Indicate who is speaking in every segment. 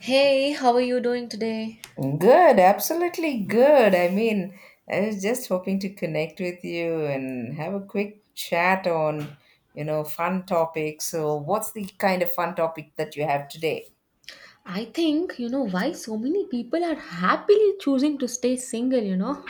Speaker 1: Hey, how are you doing today?
Speaker 2: Good, absolutely good. I was just hoping to connect with you and have a quick chat on, fun topics. So, what's the kind of fun topic that you have today?
Speaker 1: I think, you know, why so many people are happily choosing to stay single, you know?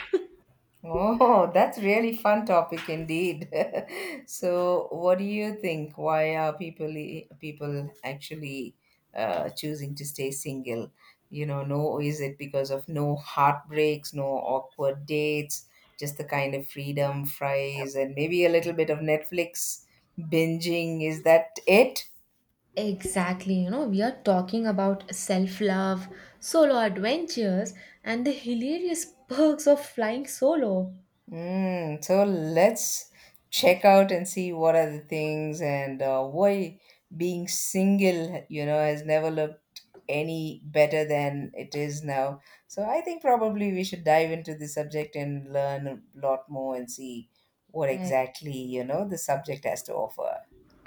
Speaker 2: Oh, that's really fun topic indeed. So, what do you think? Why are people actually choosing to stay single? You know, no, Is it because of no heartbreaks, no awkward dates, just the kind of freedom, fries, and maybe a little bit of Netflix binging? Is that it?
Speaker 1: Exactly, you know, we are talking about self love, solo adventures, and the hilarious perks of flying solo.
Speaker 2: So let's check out and see what are the things, and why being single, has never looked any better than it is now. So I think probably we should dive into the subject and learn a lot more and see what
Speaker 1: Right?
Speaker 2: exactly, the subject has to offer.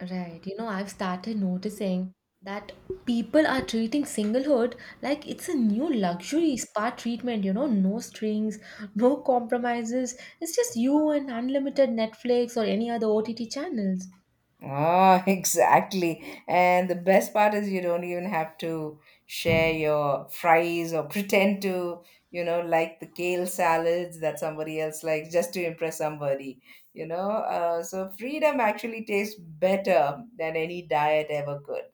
Speaker 1: Right. You know, I've started noticing that people are treating singlehood like it's a new luxury spa treatment, you know, no strings, no compromises. It's just you and unlimited Netflix or any other OTT channels.
Speaker 2: Ah, exactly. And the best part is you don't even have to share your fries or pretend to, you know, like the kale salads that somebody else likes just to impress somebody. So freedom actually tastes better than any diet ever could.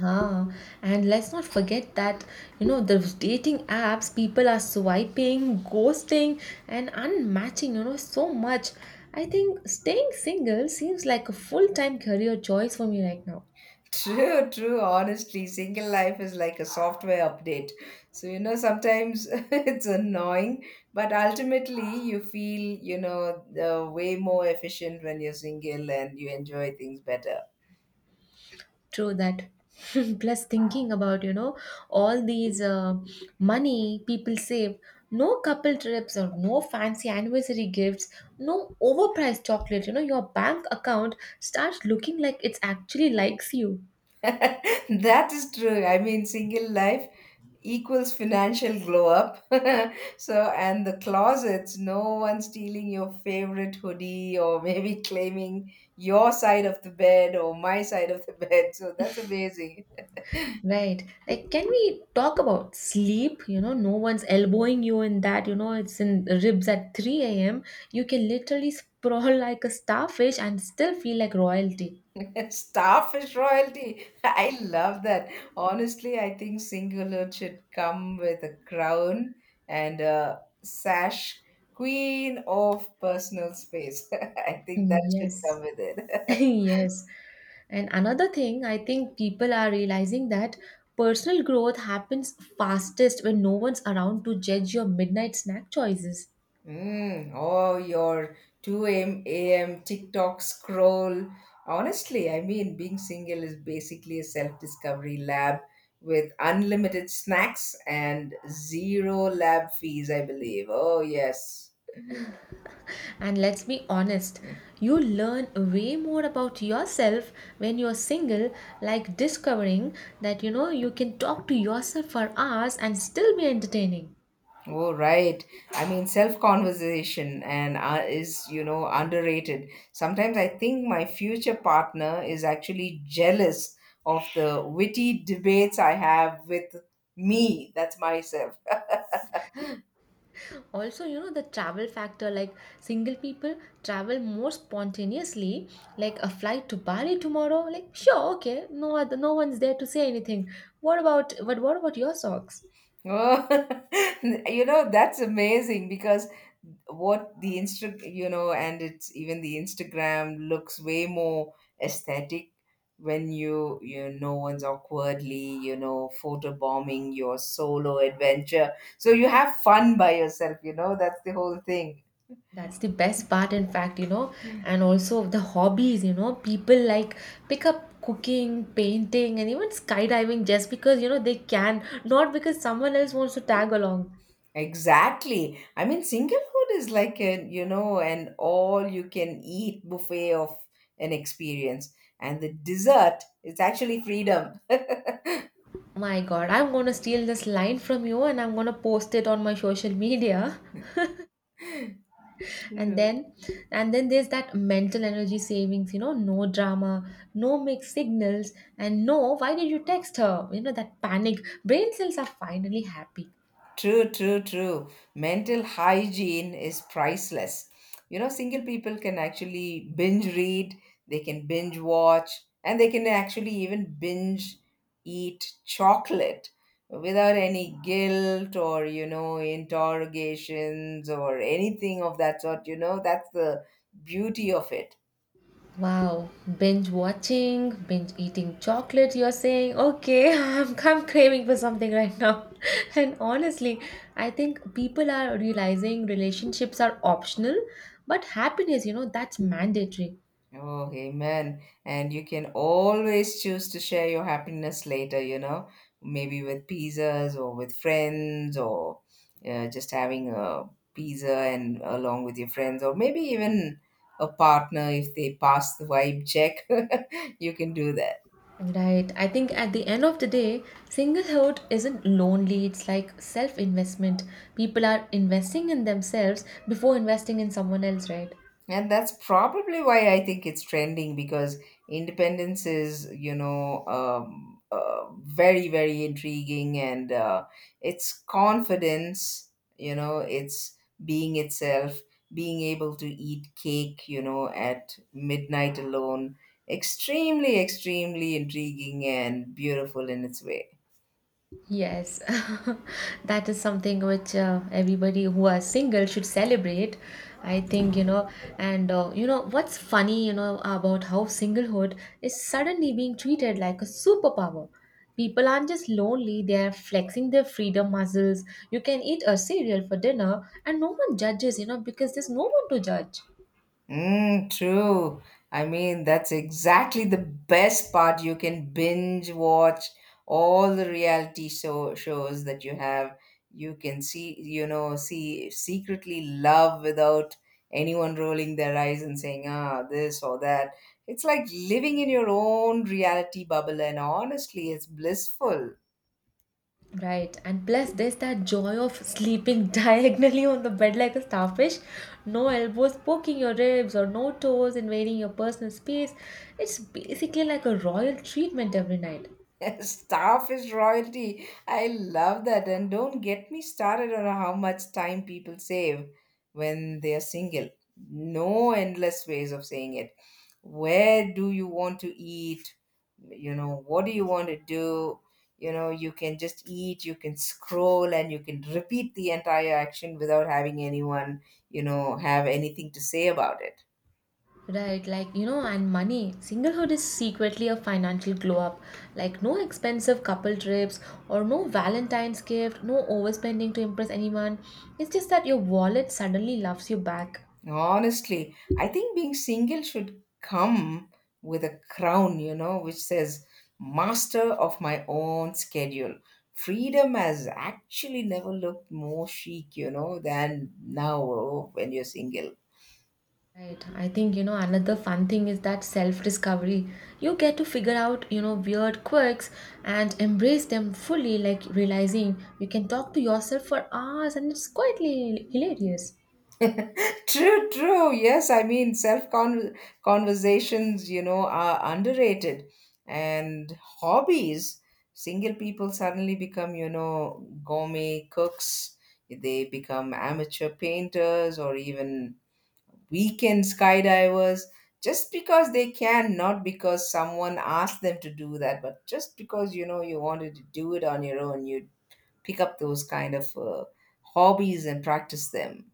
Speaker 1: Ah, and let's not forget that, you know, the dating apps, people are swiping, ghosting, and unmatching, you know, so much. I think staying single seems like a full-time career choice for me right now.
Speaker 2: True, true. Honestly, single life is like a software update. So, you know, sometimes it's annoying, but ultimately you feel, way more efficient when you're single and you enjoy things better.
Speaker 1: True that. Plus, thinking about, you know, all these money people save, no couple trips or no fancy anniversary gifts, no overpriced chocolate, you know, your bank account starts looking like it's actually likes you.
Speaker 2: That is true. I mean, single life equals financial glow up. So, and the closets, no one stealing your favorite hoodie or maybe claiming your side of the bed or my side of the bed. So, that's amazing.
Speaker 1: Right. Like, can we talk about sleep? You know, no one's elbowing you in that. You know, it's in ribs at 3 a.m. You can literally sprawl like a starfish and still feel like royalty.
Speaker 2: Starfish royalty. I love that. Honestly, I think Singular should come with a crown and a sash. Queen of personal space. I think that should come
Speaker 1: Yes.
Speaker 2: with it.
Speaker 1: Yes. And another thing, I think people are realizing that personal growth happens fastest when no one's around to judge your midnight snack choices.
Speaker 2: Mm, oh, your 2 a.m. TikTok scroll. Honestly, I mean, being single is basically a self discovery lab with unlimited snacks and zero lab fees, I believe. Oh, yes.
Speaker 1: And let's be honest, you learn way more about yourself when you're single, like discovering that you know you can talk to yourself for hours and still be entertaining.
Speaker 2: Oh, right. I mean, self conversation and is, you know, underrated. Sometimes I think my future partner is actually jealous of the witty debates I have with me. That's myself.
Speaker 1: Also, you know, the travel factor, like single people travel more spontaneously, like a flight to Bali tomorrow, like sure, okay, no other, no one's there to say anything, what about, but what about your socks?
Speaker 2: Oh, you know, that's amazing because what the insta you know and it's even the Instagram looks way more aesthetic when you, no one's awkwardly, you know, photo bombing your solo adventure, so you have fun by yourself. You know, that's the whole thing.
Speaker 1: That's the best part, in fact, you know. And also the hobbies, you know, people like pick up cooking, painting, and even skydiving just because, you know, they can, not because someone else wants to tag along.
Speaker 2: Exactly. I mean, singlehood is like, a you know, an all you can eat buffet of an experience, and the dessert is actually freedom.
Speaker 1: My god, I'm going to steal this line from you and I'm going to post it on my social media. and then and then there's that mental energy savings, you know, no drama, no mixed signals, and no why did you text her, you know, that panic, brain cells are finally happy.
Speaker 2: True, true. Mental hygiene is priceless. You know, single people can actually binge read, they can binge watch, and they can actually even binge eat chocolate without any guilt or, you know, interrogations or anything of that sort. You know, that's the beauty of it.
Speaker 1: Wow, binge watching, binge eating chocolate, you're saying, okay. I'm craving for something right now. And honestly, I think people are realizing relationships are optional, but happiness, you know, that's mandatory.
Speaker 2: Oh, amen. And you can always choose to share your happiness later, you know, maybe with pizzas or with friends or just having a pizza and along with your friends, or maybe even a partner if they pass the vibe check. You can do that.
Speaker 1: Right. I think at the end of the day, singlehood isn't lonely, it's like self investment. People are investing in themselves before investing in someone else, right?
Speaker 2: And that's probably why I think it's trending because independence is, very, very intriguing, and it's confidence, you know, it's being itself, being able to eat cake, you know, at midnight alone. Extremely, extremely intriguing and beautiful in its way.
Speaker 1: Yes, that is something which everybody who are single should celebrate. I think, you know, and you know, what's funny, you know, about how singlehood is suddenly being treated like a superpower. People aren't just lonely, they are flexing their freedom muscles. You can eat a cereal for dinner and no one judges, you know, because there's no one to judge.
Speaker 2: Mm, true. I mean, that's exactly the best part. You can binge watch all the reality shows that you have. You can, see, secretly love without anyone rolling their eyes and saying, ah, this or that. It's like living in your own reality bubble, and honestly, it's blissful.
Speaker 1: Right, and plus there's that joy of sleeping diagonally on the bed like a starfish. No elbows poking your ribs or no toes invading your personal space. It's basically like a royal treatment every night.
Speaker 2: Staff is royalty. I love that. And don't get me started on how much time people save when they are single. No endless ways of saying it. Where do you want to eat? You know, what do you want to do? You know, you can just eat, you can scroll, and you can repeat the entire action without having anyone, you know, have anything to say about it.
Speaker 1: Right, like you know, and money. Singlehood is secretly a financial glow up. Like no expensive couple trips or no Valentine's gift, no overspending to impress anyone. It's just that your wallet suddenly loves you back.
Speaker 2: Honestly, I think being single should come with a crown, you know, which says master of my own schedule. Freedom has actually never looked more chic, you know, than now when you're single.
Speaker 1: Right. I think, you know, another fun thing is that self discovery. You get to figure out, you know, weird quirks and embrace them fully, like realizing you can talk to yourself for hours and it's hilarious.
Speaker 2: True, true. Yes, I mean, self conversations, you know, are underrated. And hobbies, single people suddenly become, you know, gourmet cooks. They become amateur painters or even weekend skydivers just because they can, not because someone asked them to do that, but just because, you know, you wanted to do it on your own. You pick up those kind of hobbies and practice them.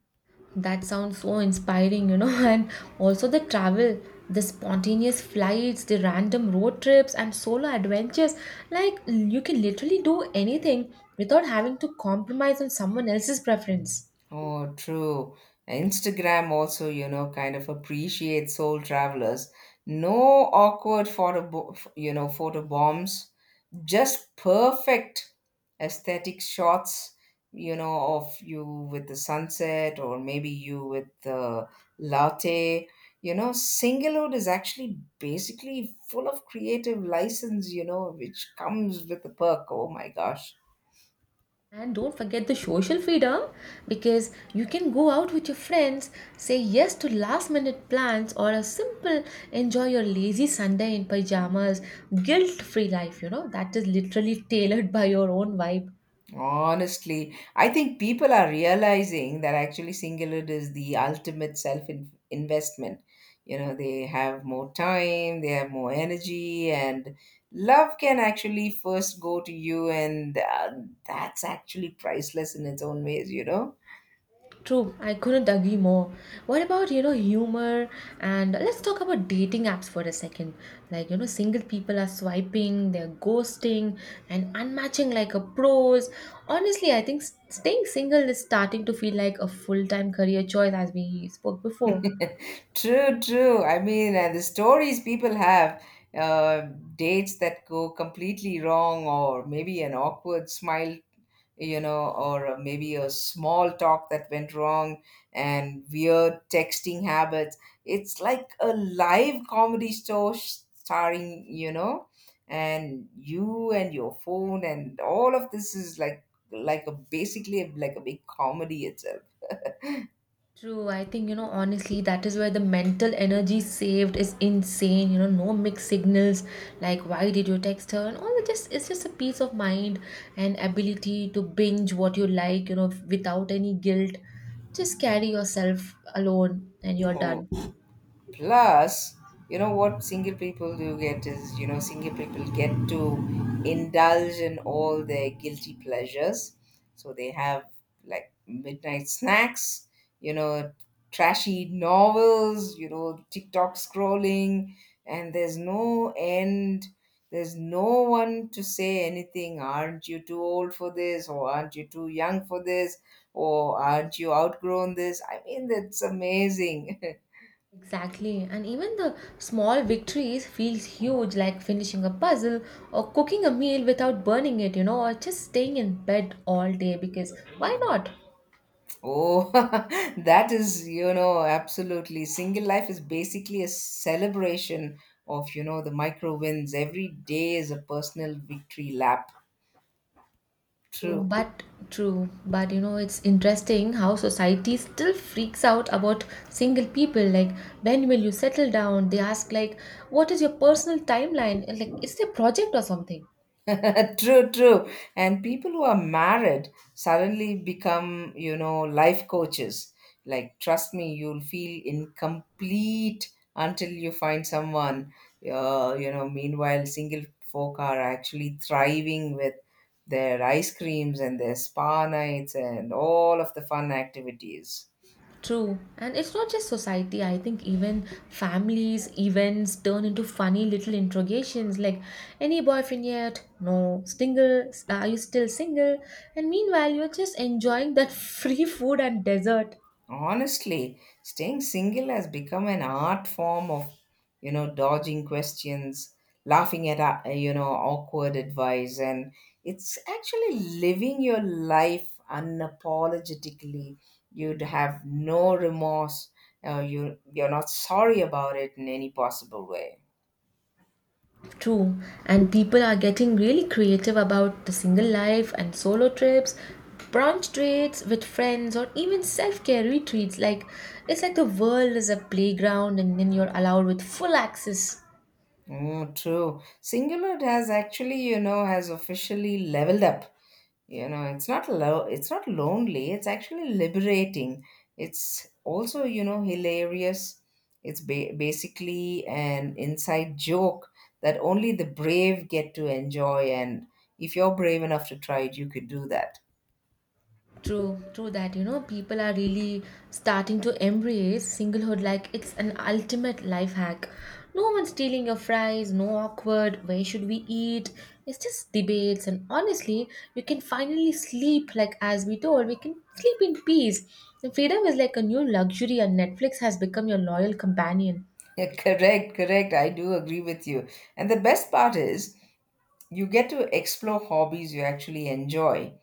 Speaker 1: That sounds so inspiring, you know, and also the travel, the spontaneous flights, the random road trips, and solo adventures. Like, you can literally do anything without having to compromise on someone else's preference.
Speaker 2: Oh, true. Instagram also, you know, kind of appreciates soul travelers. No awkward photo, bo- f- you know, photo bombs. Just perfect aesthetic shots, you know, of you with the sunset, or maybe you with the latte. You know, Singlehood is actually basically full of creative license, you know, which comes with the perk. Oh my gosh.
Speaker 1: And don't forget the social freedom, because you can go out with your friends, say yes to last minute plans, or a simple enjoy your lazy Sunday in pajamas, guilt free life. You know, that is literally tailored by your own vibe.
Speaker 2: Honestly, I think people are realizing that actually singlehood is the ultimate self investment. You know, they have more time, they have more energy, and love can actually first go to you, and that's actually priceless in its own ways, you know?
Speaker 1: True, I couldn't agree more. What about, you know, humor? And let's talk about dating apps for a second. Like, you know, single people are swiping, they're ghosting, and unmatching like a pros. Honestly, I think staying single is starting to feel like a full time career choice, as we spoke before.
Speaker 2: True, true. I mean, and the stories people have, uh, dates that go completely wrong, or maybe an awkward smile, you know, or maybe a small talk that went wrong and weird texting habits. It's like a live comedy show, starring, you know, and you and your phone, and all of this is like a basically like a big comedy itself.
Speaker 1: True, I think you know honestly that is where the mental energy saved is insane. You know, no mixed signals like why did you text her and all, it's just a peace of mind and ability to binge what you like, you know, without any guilt. Just carry yourself alone and you're
Speaker 2: Oh.
Speaker 1: done.
Speaker 2: Plus, you know what single people do get is, you know, single people get to indulge in all their guilty pleasures. So they have like midnight snacks, you know, trashy novels, you know, TikTok scrolling, and there's no end. There's no one to say anything. Aren't you too old for this? Or aren't you too young for this? Or aren't you outgrown this? I mean, that's amazing.
Speaker 1: Exactly. And even the small victories feels huge, like finishing a puzzle or cooking a meal without burning it, you know, or just staying in bed all day, because why not?
Speaker 2: Oh, that is, you know, absolutely. Single life is basically a celebration of, you know, the micro wins. Every day is a personal victory lap.
Speaker 1: True,
Speaker 2: True.
Speaker 1: but true, but you know, it's interesting how society still freaks out about single people. Like, when will you settle down? They ask, like, what is your personal timeline? And, like, it's a project or something.
Speaker 2: True, true. And people who are married suddenly become, you know, life coaches. Like, trust me, you'll feel incomplete until you find someone. Meanwhile, single folk are actually thriving with their ice creams and their spa nights and all of the fun activities.
Speaker 1: True, and it's not just society. I think even families, events turn into funny little interrogations like, any boyfriend yet? No. Single? Are you still single? And meanwhile, you're just enjoying that free food and dessert.
Speaker 2: Honestly, staying single has become an art form of, you know, dodging questions, laughing at, you know, awkward advice, and it's actually living your life unapologetically. You'd have no remorse. You're not sorry about it in any possible way.
Speaker 1: True, and people are getting really creative about the single life and solo trips, brunch dates with friends, or even self care retreats. Like, it's like the world is a playground and then you're allowed with full access.
Speaker 2: Oh, true. Singular has actually, you know, has officially leveled up. You know, it's not low, it's not lonely, it's actually liberating. It's also, you know, hilarious. It's basically an inside joke that only the brave get to enjoy. And if you're brave enough to try it, you could do that.
Speaker 1: True, true that, you know, people are really starting to embrace singlehood like it's an ultimate life hack. No one stealing your fries, no awkward, where should we eat? It's just debates, and honestly, you can finally sleep like, as we told, we can sleep in peace. And freedom is like a new luxury, and Netflix has become your loyal companion.
Speaker 2: Yeah, correct, correct. I do agree with you. And the best part is, you get to explore hobbies you actually enjoy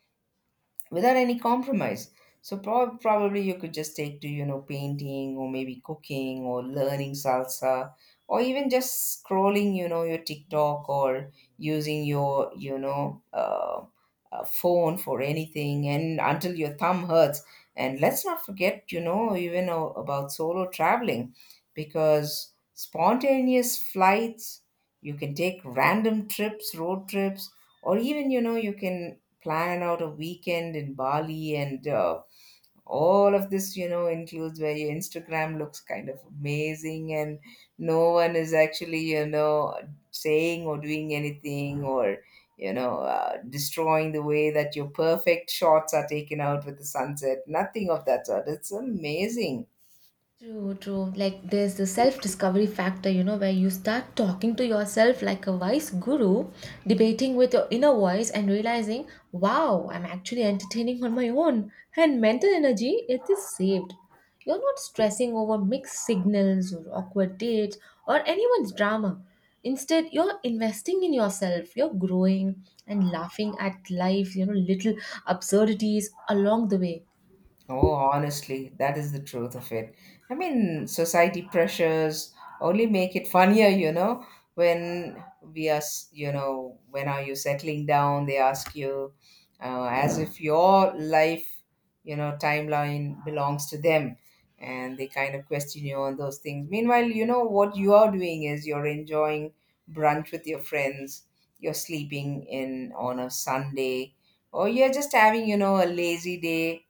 Speaker 2: without any compromise. So probably you could just take to, you know, painting or maybe cooking or learning salsa, or even just scrolling, you know, your TikTok, or using your, phone for anything and until your thumb hurts. And let's not forget, you know, even about solo traveling. Because spontaneous flights, you can take random trips, road trips, or even, you know, you can plan out a weekend in Bali, and all of this, you know, includes where your Instagram looks kind of amazing, and no one is actually, you know, saying or doing anything, or, destroying the way that your perfect shots are taken out with the sunset. Nothing of that sort. It's amazing.
Speaker 1: True, true. Like there's the self-discovery factor, you know, where you start talking to yourself like a wise guru, debating with your inner voice and realizing, wow, I'm actually entertaining on my own. And mental energy, it is saved. You're not stressing over mixed signals or awkward dates or anyone's drama. Instead, you're investing in yourself. You're growing and laughing at life, you know, little absurdities along the way.
Speaker 2: Oh, honestly, that is the truth of it. I mean, society pressures only make it funnier, you know. When are you settling down? They ask you, as if your life, you know, timeline belongs to them, and they kind of question you on those things. Meanwhile, you know what you are doing is you're enjoying brunch with your friends. You're sleeping in on a Sunday, or you're just having, you know, a lazy day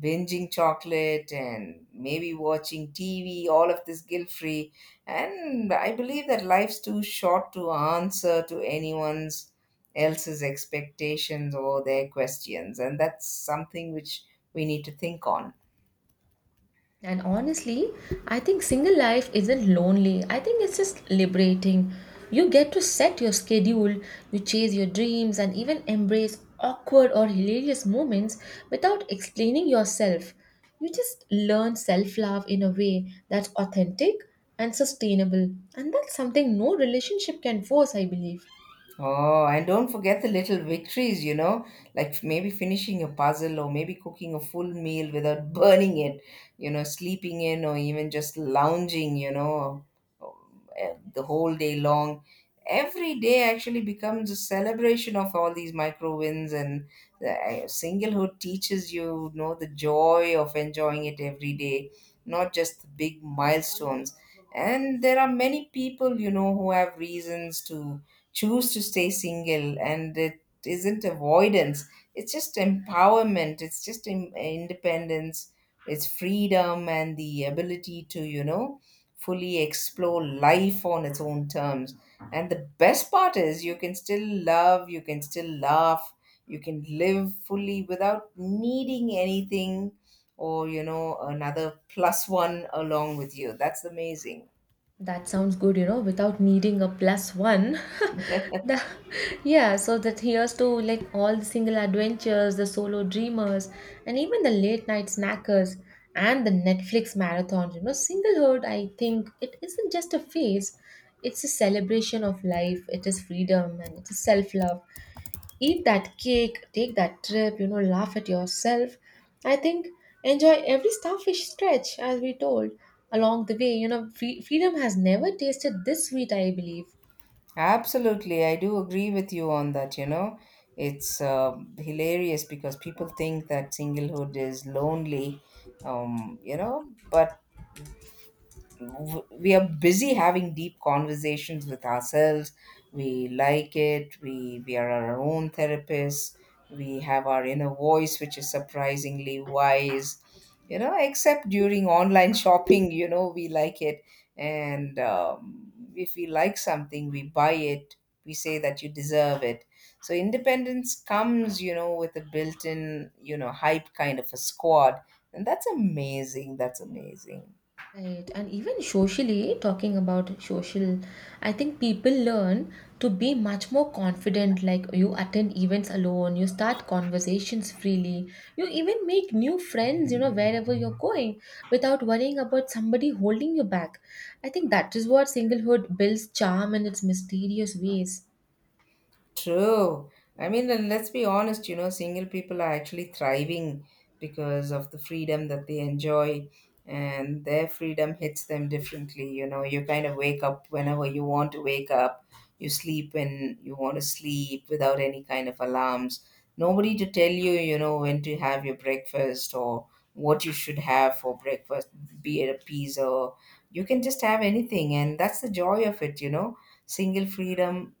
Speaker 2: binging chocolate and maybe watching TV, all of this guilt free. And I believe that life's too short to answer to anyone's else's expectations or their questions. And that's something which we need to think on.
Speaker 1: And honestly, I think single life isn't lonely. I think it's just liberating. You get to set your schedule, you chase your dreams, and even embrace awkward or hilarious moments without explaining yourself. You just learn self love in a way that's authentic and sustainable. And that's something no relationship can force, I believe.
Speaker 2: Oh, and don't forget the little victories, you know, like maybe finishing a puzzle or maybe cooking a full meal without burning it, you know, sleeping in or even just lounging, you know, the whole day long. Every day actually becomes a celebration of all these micro wins, and singlehood teaches you, you know, the joy of enjoying it every day, not just the big milestones. And there are many people, you know, who have reasons to choose to stay single, and it isn't avoidance, it's just empowerment, it's just independence, it's freedom, and the ability to, you know, fully explore life on its own terms. And the best part is you can still love, you can still laugh, you can live fully without needing anything or, you know, another plus one along with you. That's amazing.
Speaker 1: That sounds good, you know, without needing a plus one. The- yeah, so that here's to like all the single adventures, the solo dreamers, and even the late night snackers and the Netflix marathons. You know, singlehood, I think it isn't just a phase, it's a celebration of life, it is freedom, and it is self love, eat that cake, take that trip, you know, laugh at yourself. I think enjoy every starfish stretch, as we told along the way. You know, freedom has never tasted this sweet, I believe.
Speaker 2: Absolutely, I do agree with you on that. You know, it's hilarious because people think that singlehood is lonely, you know, but we are busy having deep conversations with ourselves, we like it, we are our own therapists. We have our inner voice which is surprisingly wise, you know, except during online shopping. You know, we like it, and if we like something, we buy it. We say that you deserve it. So independence comes, you know, with a built-in, you know, hype kind of a squad. And that's amazing, that's amazing.
Speaker 1: Right, and even socially, talking about social, I think people learn to be much more confident. Like you attend events alone, you start conversations freely, you even make new friends, you know, wherever you're going without worrying about somebody holding you back. I think that is what singlehood builds charm in its mysterious ways.
Speaker 2: True. I mean, and let's be honest, you know, single people are actually thriving because of the freedom that they enjoy, and their freedom hits them differently. You know, you kind of wake up whenever you want to wake up, you sleep when you want to sleep without any kind of alarms. Nobody to tell you, you know, when to have your breakfast or what you should have for breakfast, be it a pizza. You can just have anything, and that's the joy of it, you know. Single freedom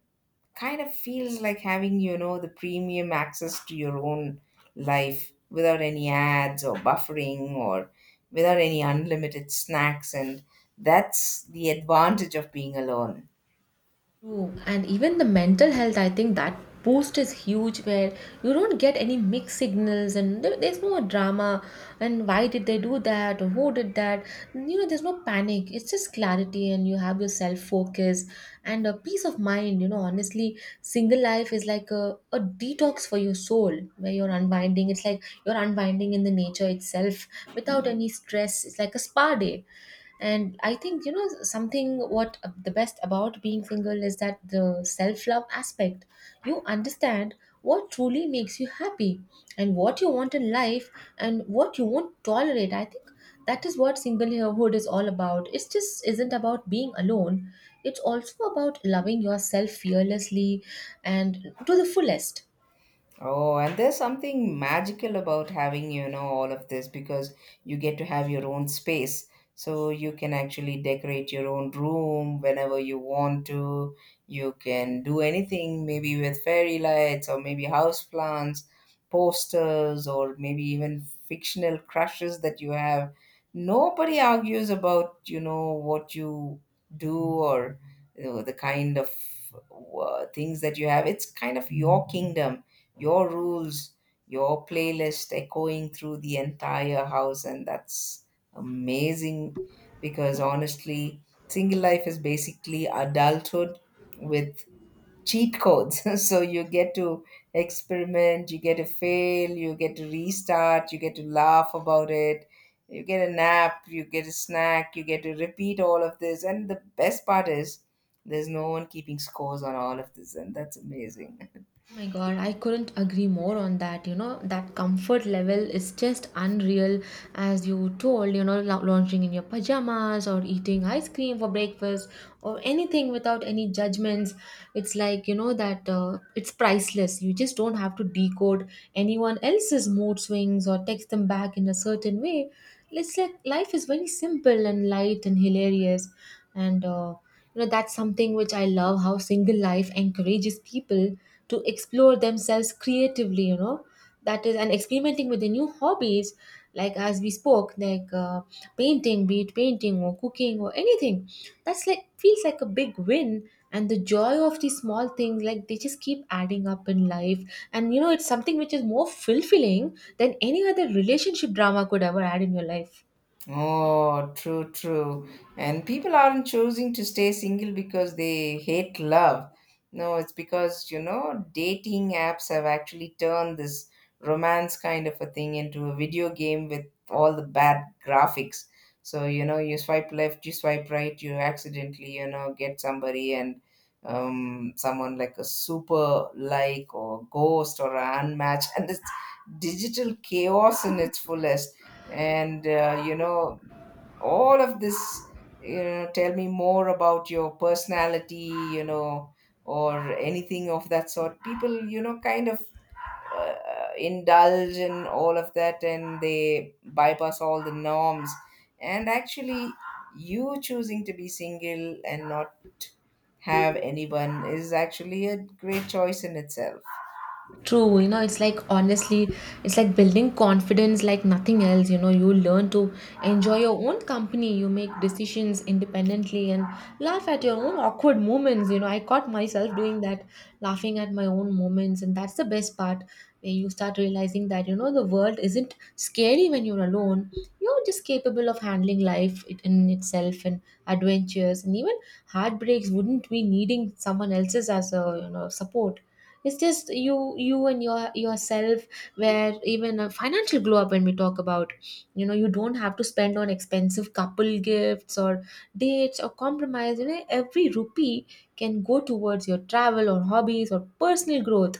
Speaker 2: kind of feels like having, you know, the premium access to your own life without any ads or buffering, or without any unlimited snacks. And that's the advantage of being alone.
Speaker 1: True. And even the mental health, I think that boost is huge where you don't get any mixed signals and there's no drama and why did they do that or who did that. You know, there's no panic. It's just clarity and you have your self focus and a peace of mind. You know, honestly, single life is like a detox for your soul where you're unwinding. It's like you're unwinding in the nature itself without any stress. It's like a spa day. And I think, you know, something, what the best about being single is that the self love aspect, you understand what truly makes you happy and what you want in life and what you won't tolerate. I think that is what singlehood is all about, it just isn't about being alone, it's also about loving yourself fearlessly and to the fullest.
Speaker 2: Oh, and there's something magical about having, you know, all of this because you get to have your own space. So you can actually decorate your own room whenever you want to. You can do anything, maybe with fairy lights or maybe house plants, posters, or maybe even fictional crushes that you have. Nobody argues about, you know, what you do or, you know, the kind of things that you have. It's kind of your kingdom, your rules, your playlist echoing through the entire house. And that's amazing, because honestly, single life is basically adulthood with cheat codes. So you get to experiment, you get to fail, you get to restart, you get to laugh about it. You get a nap, you get a snack, you get to repeat all of this. And the best part is, there's no one keeping scores on all of this, and that's amazing.
Speaker 1: Oh my God, I couldn't agree more on that. You know, that comfort level is just unreal, as you told, you know, lounging in your pajamas or eating ice cream for breakfast or anything without any judgments. It's like, you know, that it's priceless. You just don't have to decode anyone else's mood swings or text them back in a certain way. It's like life is very simple and light and hilarious. And you know, that's something which I love how single life encourages people to explore themselves creatively, you know, that is, and experimenting with the new hobbies, like as we spoke, painting, be it painting or cooking or anything. That's like feels like a big win, and the joy of these small things, like they just keep adding up in life. And you know, it's something which is more fulfilling than any other relationship drama could ever add in your life.
Speaker 2: Oh, true, true. And people aren't choosing to stay single because they hate love. No, it's because, you know, dating apps have actually turned this romance kind of a thing into a video game with all the bad graphics. So, you know, you swipe left, you swipe right, you accidentally, you know, get somebody, and someone like a super like or ghost or an unmatched, and it's digital chaos in its fullest. And you know, all of this, you know, tell me more about your personality, you know, or anything of that sort. People, you know, kind of uh, indulge in all of that, and they bypass all the norms. And actually, you choosing to be single and not have anyone is actually a great choice in itself.
Speaker 1: True, you know, it's like honestly, it's like building confidence like nothing else. You know, you learn to enjoy your own company, you make decisions independently, and laugh at your own awkward moments. You know, I caught myself doing that, laughing at my own moments, and that's the best part where you start realizing that, you know, the world isn't scary when you're alone. You're just capable of handling in itself and adventures, and even heartbreaks wouldn't be needing someone else's as a, you know, support. It's just you and yourself, where even a financial glow up, when we talk about, you know, you don't have to spend on expensive couple gifts or dates or compromise, you know, every rupee can go towards your travel or hobbies or personal growth.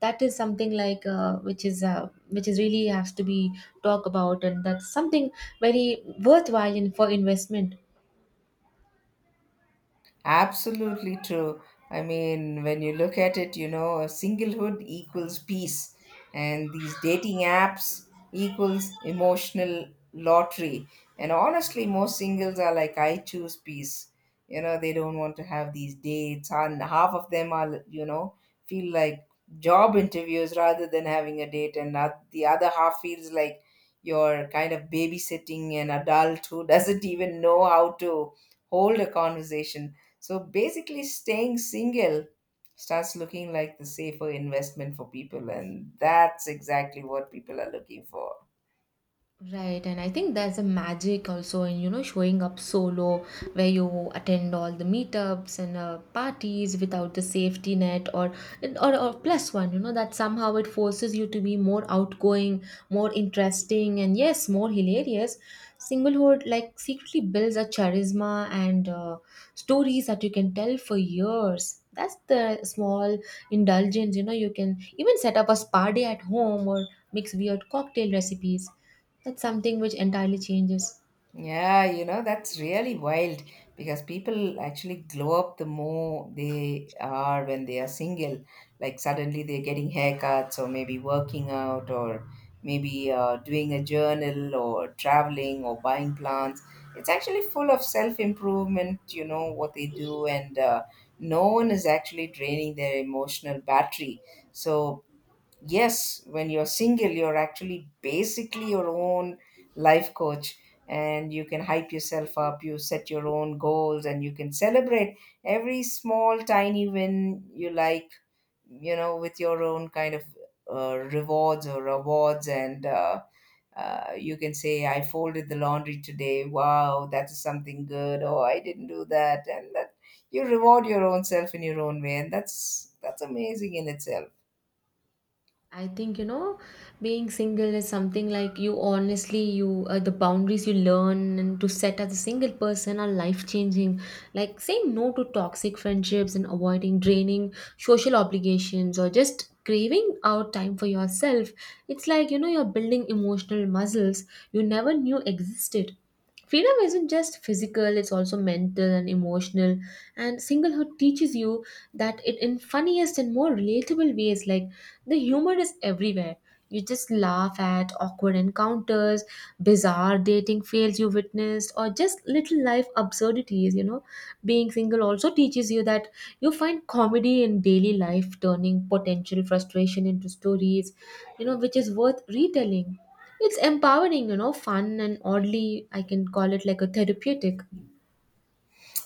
Speaker 1: That is something which is really has to be talked about, and that's something very worthwhile in, for investment.
Speaker 2: Absolutely true. I mean, when you look at it, you know, singlehood equals peace, and these dating apps equals emotional lottery. And honestly, most singles are like, I choose peace. You know, they don't want to have these dates, and half of them are, you know, feel like job interviews rather than having a date, and the other half feels like you're kind of babysitting an adult who doesn't even know how to hold a conversation. So basically, staying single starts looking like the safer investment for people, and that's exactly what people are looking for.
Speaker 1: Right, and I think there's a magic also in, you know, showing up solo, where you attend all the meetups and parties without the safety net or plus one, you know, that somehow it forces you to be more outgoing, more interesting, and yes, more hilarious. Singlehood like secretly builds a charisma and stories that you can tell for years. That's the small indulgence, you know, you can even set up a spa day at home or mix weird cocktail recipes. That's something which entirely changes.
Speaker 2: Yeah, you know, that's really wild because people actually glow up the more they are when they are single. Like suddenly they're getting haircuts or maybe working out or maybe doing a journal or traveling or buying plants. It's actually full of self-improvement, you know, what they do. And no one is actually draining their emotional battery. So, yes, when you're single, you're actually basically your own life coach, and you can hype yourself up, you set your own goals, and you can celebrate every small, tiny win you like, you know, with your own kind of rewards or rewards. And you can say, I folded the laundry today. Wow, that is something good. Oh, I didn't do that. And that, you reward your own self in your own way. And that's amazing in itself.
Speaker 1: I think, you know, being single is something like, you honestly, you the boundaries you learn and to set as a single person are life changing. Like saying no to toxic friendships and avoiding draining social obligations or just craving out time for yourself. It's like, you know, you're building emotional muscles you never knew existed. Freedom isn't just physical, it's also mental and emotional. And singlehood teaches you that it in funniest and more relatable ways, like the humor is everywhere. You just laugh at awkward encounters, bizarre dating fails you witnessed, or just little life absurdities. You know, being single also teaches you that you find comedy in daily life, turning potential frustration into stories, you know, which is worth retelling. It's empowering, you know, fun and oddly, I can call it like a therapeutic.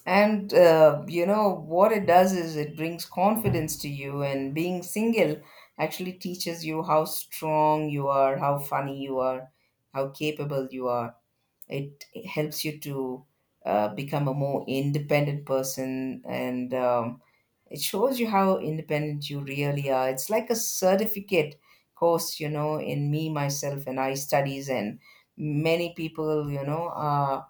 Speaker 2: And you know what it does is it brings confidence to you, and being single actually teaches you how strong you are, how funny you are, how capable you are. It helps you to become a more independent person, and it shows you how independent you really are. It's like a certificate course, you know, in me, myself, and I studies. And many people, you know, are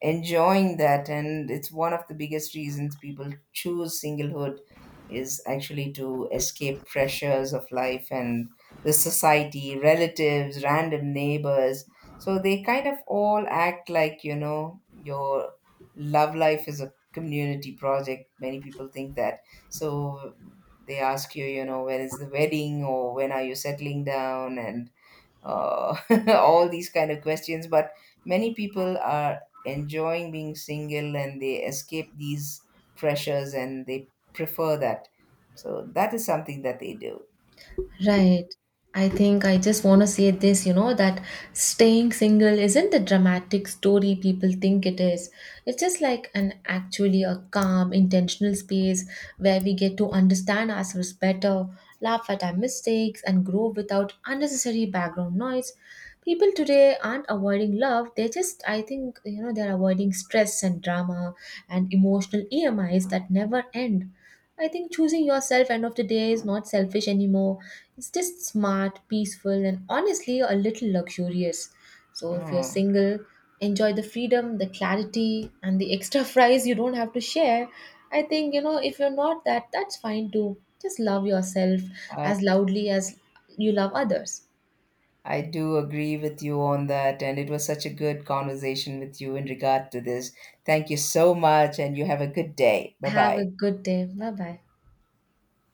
Speaker 2: enjoying that, and it's one of the biggest reasons people choose singlehood is actually to escape pressures of life, and the society, relatives, random neighbors. So they kind of all act like, you know, your love life is a community project, many people think that. So they ask you, you know, when is the wedding or when are you settling down, and uh, all these kind of questions. But many people are enjoying being single, and they escape these pressures, and they prefer that. So that is something that they do.
Speaker 1: Right. I think I just want to say this, you know, that staying single isn't the dramatic story people think it is. It's just like an actually a calm, intentional space where we get to understand ourselves better, laugh at our mistakes, and grow without unnecessary background noise. People today aren't avoiding love, they just, I think, you know, they're avoiding stress and drama and emotional EMIs that never end. I think choosing yourself end of the day is not selfish anymore. It's just smart, peaceful, and honestly a little luxurious. So if you're
Speaker 2: Mm.
Speaker 1: single, enjoy the freedom, the clarity, and the extra fries you don't have to share. I think, you know, if you're not that, that's fine too. Just love yourself
Speaker 2: I,
Speaker 1: as loudly as you love others.
Speaker 2: I do agree with you on that, and it was such a good conversation with you in regard to this. Thank you so much, and you have a good day. Bye
Speaker 1: Have a
Speaker 2: bye.
Speaker 1: good day. Bye bye.